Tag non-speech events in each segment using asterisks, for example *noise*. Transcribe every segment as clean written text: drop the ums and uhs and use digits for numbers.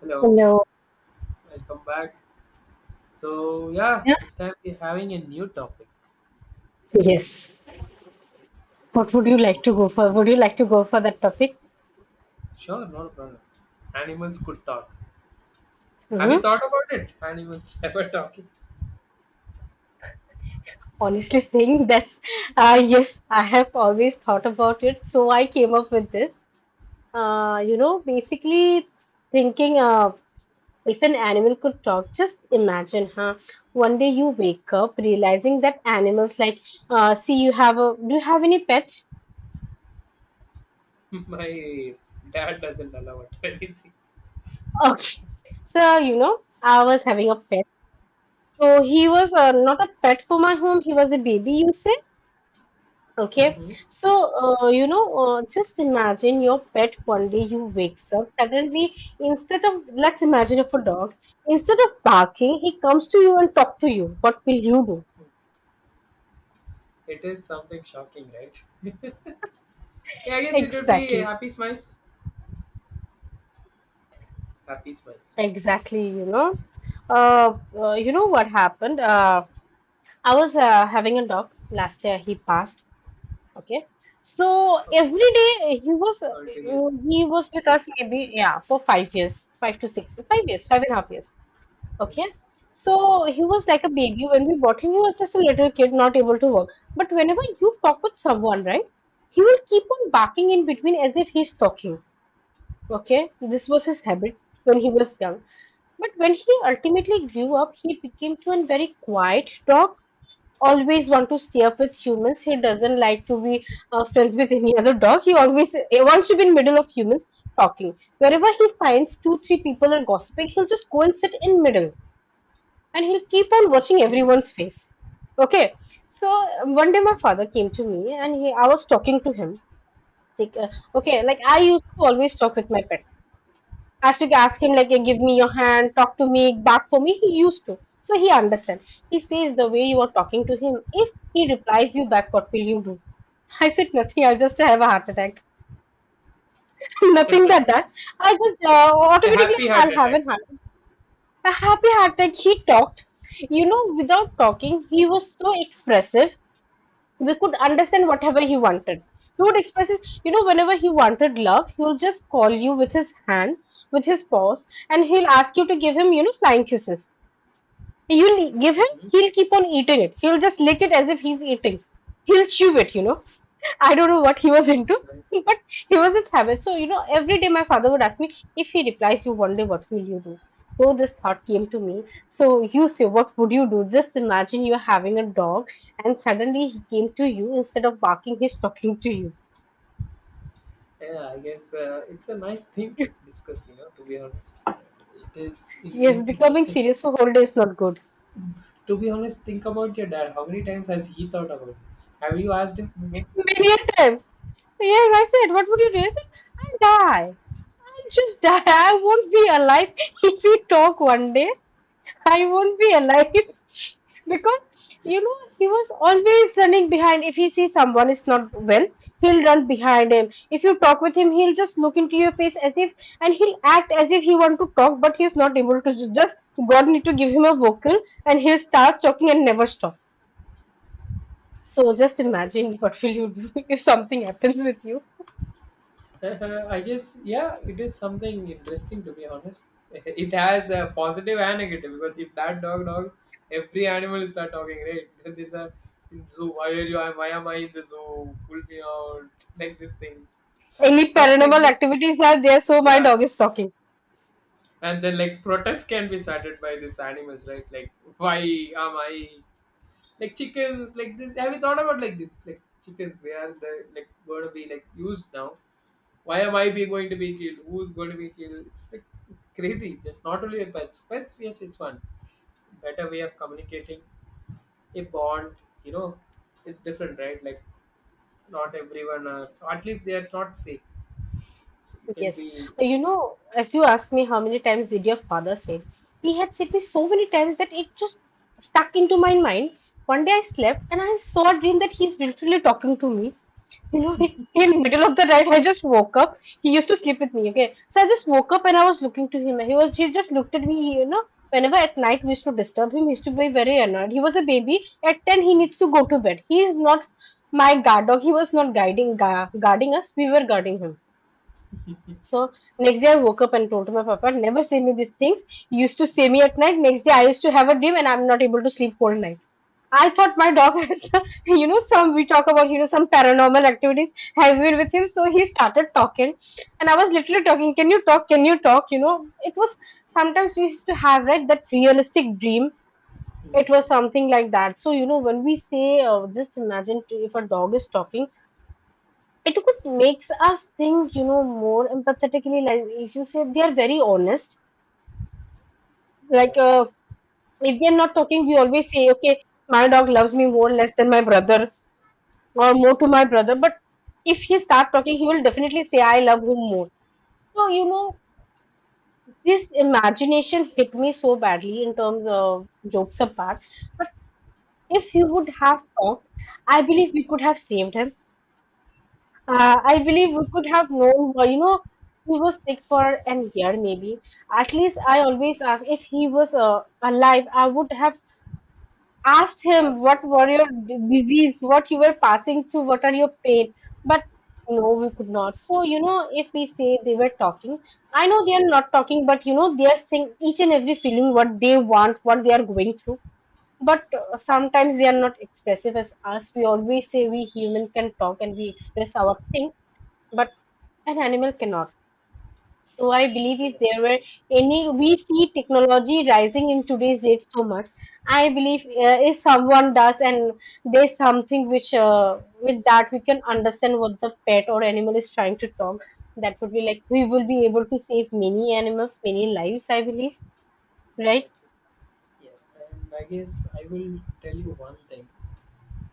Hello, Hello. welcome back. So yeah, Yeah. this time we're having a new topic. Yes. What would you like So to go for? Would you like to go for that topic? sure, not a problem. Animals could talk. Have Hmm. you thought about it? Animals *laughs* ever talking? Honestly saying, *laughs* that's yes, I have always thought about it, so I came up with this. Basically thinking, if an animal could talk, just imagine, huh? One day you wake up realizing that animals like, see, do you have any pet? *laughs* *laughs* My dad doesn't allow it *laughs* anything. Okay. So, I was having a pet. So he was not a pet for my home, he was a baby. You say? Okay, Hmm. so just imagine your pet one day you wakes up suddenly, instead of let's imagine, if a dog, instead of barking, he comes to you and talk to you. What will you do? It is something shocking, right? Yeah, I guess it would be Exactly, happy smiles. Happy smiles. exactly. Uh, you know what happened? I was having a dog last year. He passed. Okay, so Okay, every day he was so uh, altogether. he was with us, maybe, yeah, for 5 years, five to six, 5 years, 5.5 years. Mm, Okay. mm, So he was like a baby. When we bought him, he was just a little kid, not able to work. But whenever you talk with someone, right, he will keep on barking in mm, between as if he's talking. Okay. This was his mm. habit when he was young. But when he ultimately grew up, he became to a very quiet dog. Always want to stay up with humans. He doesn't like to be friends with any other dog. He wants to be in middle of humans talking. Wherever he finds two, three people are gossiping, he'll just go and sit in middle, and he'll keep on watching Okay, everyone's face. Okay. So one day my okay. father came to me, and I was talking to him. Like, uh, Mm, mm, okay, like I used to always talk with my pet. I used to ask him mm, like, "Eh, give me your hand, talk to me, bark for me." He used to. So he understands. He mm. says, the way you are talking to him, if he replies you back, what will you do? *laughs* I said nothing. I'll just have a heart attack. *laughs* Nothing that. I just A automatically, happy heart I'll have a attack. heart. A happy heart that he talked, without talking, he was so expressive. We could understand whatever he wanted. He would express whenever he wanted love, he will just call you with his hand, with his paws, and he'll ask you to give him, flying kisses. You'll give him, Mm-hmm. he'll keep on eating it. He'll just lick it as if he's eating. He'll chew it. I don't know what he was It's into, nice. *laughs* but he was a savage. So, every day my father would ask me, if he replies you one day, what will you do? So this thought came to me. So you say, what would you do? Just imagine you're having a dog, and suddenly he came to you. Instead of barking, he's talking to you. Yeah, I guess it's a nice thing to discuss, to be honest. It is Yes, indeed becoming interesting. serious for whole day is not good. To be honest, think about your dad. How many times has he thought about this? Have you asked him before? Many a times. Yeah, I said, what would you do? I said, I'll die. I'll just die. I won't be alive *laughs* if we talk one day. I won't be alive *laughs* because he was always running behind. If he sees someone is not well, he'll run behind him. If you talk with him, he'll just look into your face as if, and he'll act as if he want to talk, but he's not able to. Just God need to give him a vocal, and he'll start talking and never stop. So just Yes, I imagine *laughs* guess. what will you do *laughs* if something happens with you. *laughs* I guess, yeah, it is something interesting, to be honest. *laughs* It has a positive and negative because if that dog dogs, every animal start talking, right? *laughs* Then these are in zoo. Why are you? Why am I in the zoo? Pull me out. Like these things. Any Stuffs like paranormal this. activities are there, so my Yeah. dog is talking. And then, like, protests can be started by these animals, right? Like, why am I, like chickens, like this? Have you thought about like this? Like chickens, they are the, like, going to be, like, used now. Why am I be going to be killed? Who's going to be killed? It's like crazy. Just not only the pets, pets, yes, it's one better way of communicating, a bond you know it's different, right? Like, not everyone are, or at least they are not fake, so you can Yes. be. As you asked me, how many times did your father said, he had said me so many times that it just stuck into my mind. One day I slept and I saw a dream that he's literally talking to me. *laughs* In the middle of the night, I just woke up. He used to sleep with me, okay? So I just woke up and I was looking to him. He just looked at me. Whenever at night we used to disturb him, he used to be very annoyed. He was a baby. At 10, he needs to go to bed. He is not my guard dog. He was not guarding us. We were guarding him. So next day I woke up and told to my papa, never say me these things. You used to say me at night. Next day I used to have a dream, and I'm not able to sleep whole night. I thought my dog has, *laughs* some, we talk about, some paranormal activities has been with him. So he started talking, and I was literally talking. Can you talk? Can you talk? It was, sometimes we used to have right that realistic dream. It was something like that. So, when we say, just imagine, if a dog is talking, it could makes us think, more empathetically, like if you say they are very honest, like Yeah. If they're not talking, we always say, okay, my dog loves me more, less than my brother, or more to my brother. But if he start talking, he will definitely say, I love him more. So this imagination hit me so badly in terms of, jokes apart, but if you would have talked, I believe we could have saved him. So I believe we could have known, but, you know, he was sick for an year maybe. At least I always ask, if he was alive, I would have asked him, past what it. were your disease, what you were passing through, what are your pain. But no, we could not. So, if we say they were talking, I know they are not talking, but, you know, they are saying each and every feeling, what they want, what they are going through. But sometimes they are not expressive as us. We always say we human can talk and we express our thing, but an animal cannot. So I believe, if there were any, we see technology rising in today's date so much. I believe if someone does, and there's something which with that we can understand what the pet or animal is trying to talk. That would be like we will be able to save many animals, many lives. I believe, right? Exactly. Yeah, and I guess I will tell you one thing.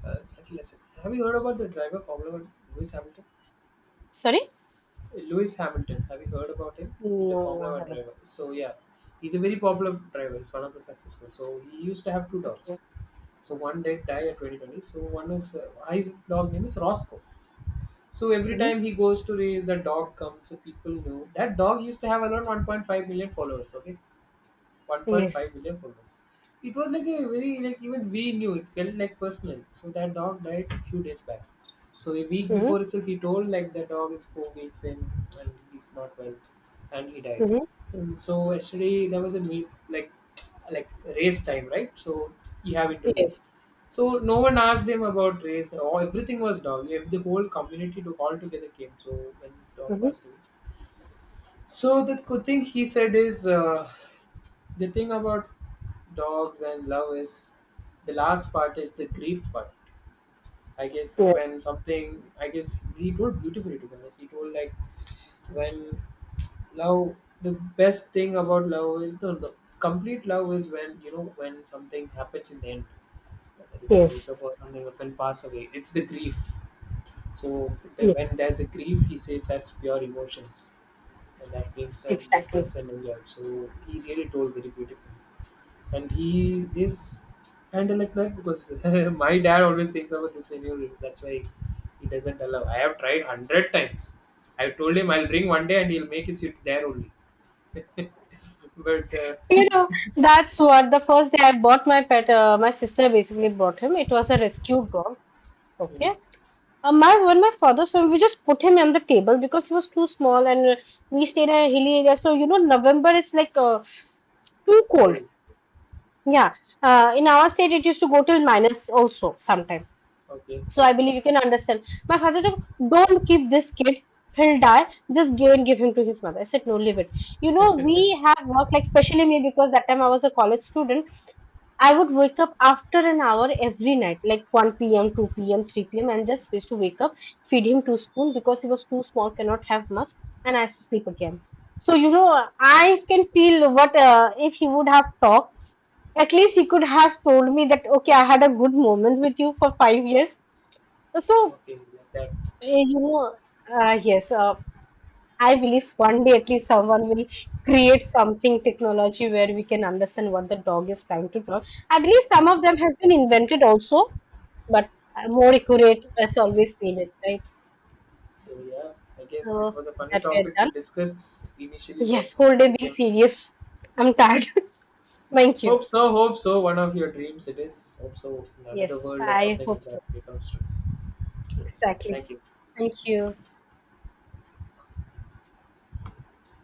It's like a lesson. Have you heard about the driver Formula One, Lewis Hamilton? Sorry, Lewis Hamilton. Have you heard about him? He's a no, Formula I One haven't. driver. So yeah, he's a very popular driver. He's one of the successful. So he used to have two Okay. dogs. So one did die at 2020. So one is his dog name is Roscoe. So every Mm-hmm. time he goes to race, the dog comes. So people know that dog used to have around 1.5 million followers. Okay, Yes. 1.5 million followers. It was like a very like even we knew it felt like personal. So that dog died a few days back. So a week Mm-hmm. before itself, he told like the dog is 4 weeks in and he's not well, and he died. Mm-hmm. And so yesterday there was a meet like race time, right? So you have Yes. interviews. So no one asked him about race. All everything was dog. If the whole community to all together came. So when his dog passed Mm-hmm. away, so the good thing he said is the thing about dogs and love is the last part is the grief part. I guess Yes. when something I guess he told beautifully to be honest. He told like when love the best thing about love is the complete love is when you know when something happens in the end, whether it's a Yes. breakup or something or when pass away. It's the grief. So the, Yes. when there's a grief, he says that's pure emotions and that means that that Exactly. person enjoyed. So he really told very beautifully, and he is kind of like that because *laughs* my dad always thinks about this scenario. That's why he doesn't allow. I have tried hundred times. I told him I'll bring one day and he'll make it sit there only. *laughs* But *laughs* You know, it's- that's what, the first day I bought my pet, my sister basically bought him. It was a rescue dog. yeah, Okay. My When my father saw him, we just put him on the table because he was too small, and we stayed in a hilly area. So, November is like too cold. cold. Yeah. In our state, it used to go till minus also sometime. Okay, So I okay, believe you can understand. My father said, don't keep this kid. He'll die. Just give him to his mother. I said, no, leave it. We have worked, like, especially me, because that time I was a college student. I would wake up after an hour every night, like 1 p.m., 2 p.m., 3 p.m., and just wish to wake up, feed him two spoon because he was too small, cannot have much, and I have to sleep again. So, I can feel what, if he would have talked, at least he could have told me that, okay, I had a good moment with you for 5 years. So, okay, like that. eh, you know, yes, I believe one day at least someone will create something technology where we can understand what the dog is trying to do. I believe some of them has been invented also, but more accurate as always needed, right? So yeah, I guess So it was a with funny that we're topic done. to discuss initially, but it Yes, whole day being became serious. I'm tired. *laughs* Thank you. Hope so, hope so. One of your dreams it is. Hope so. In another Yes, world or I something hope so. that becomes true. Exactly. Thank you. Thank you.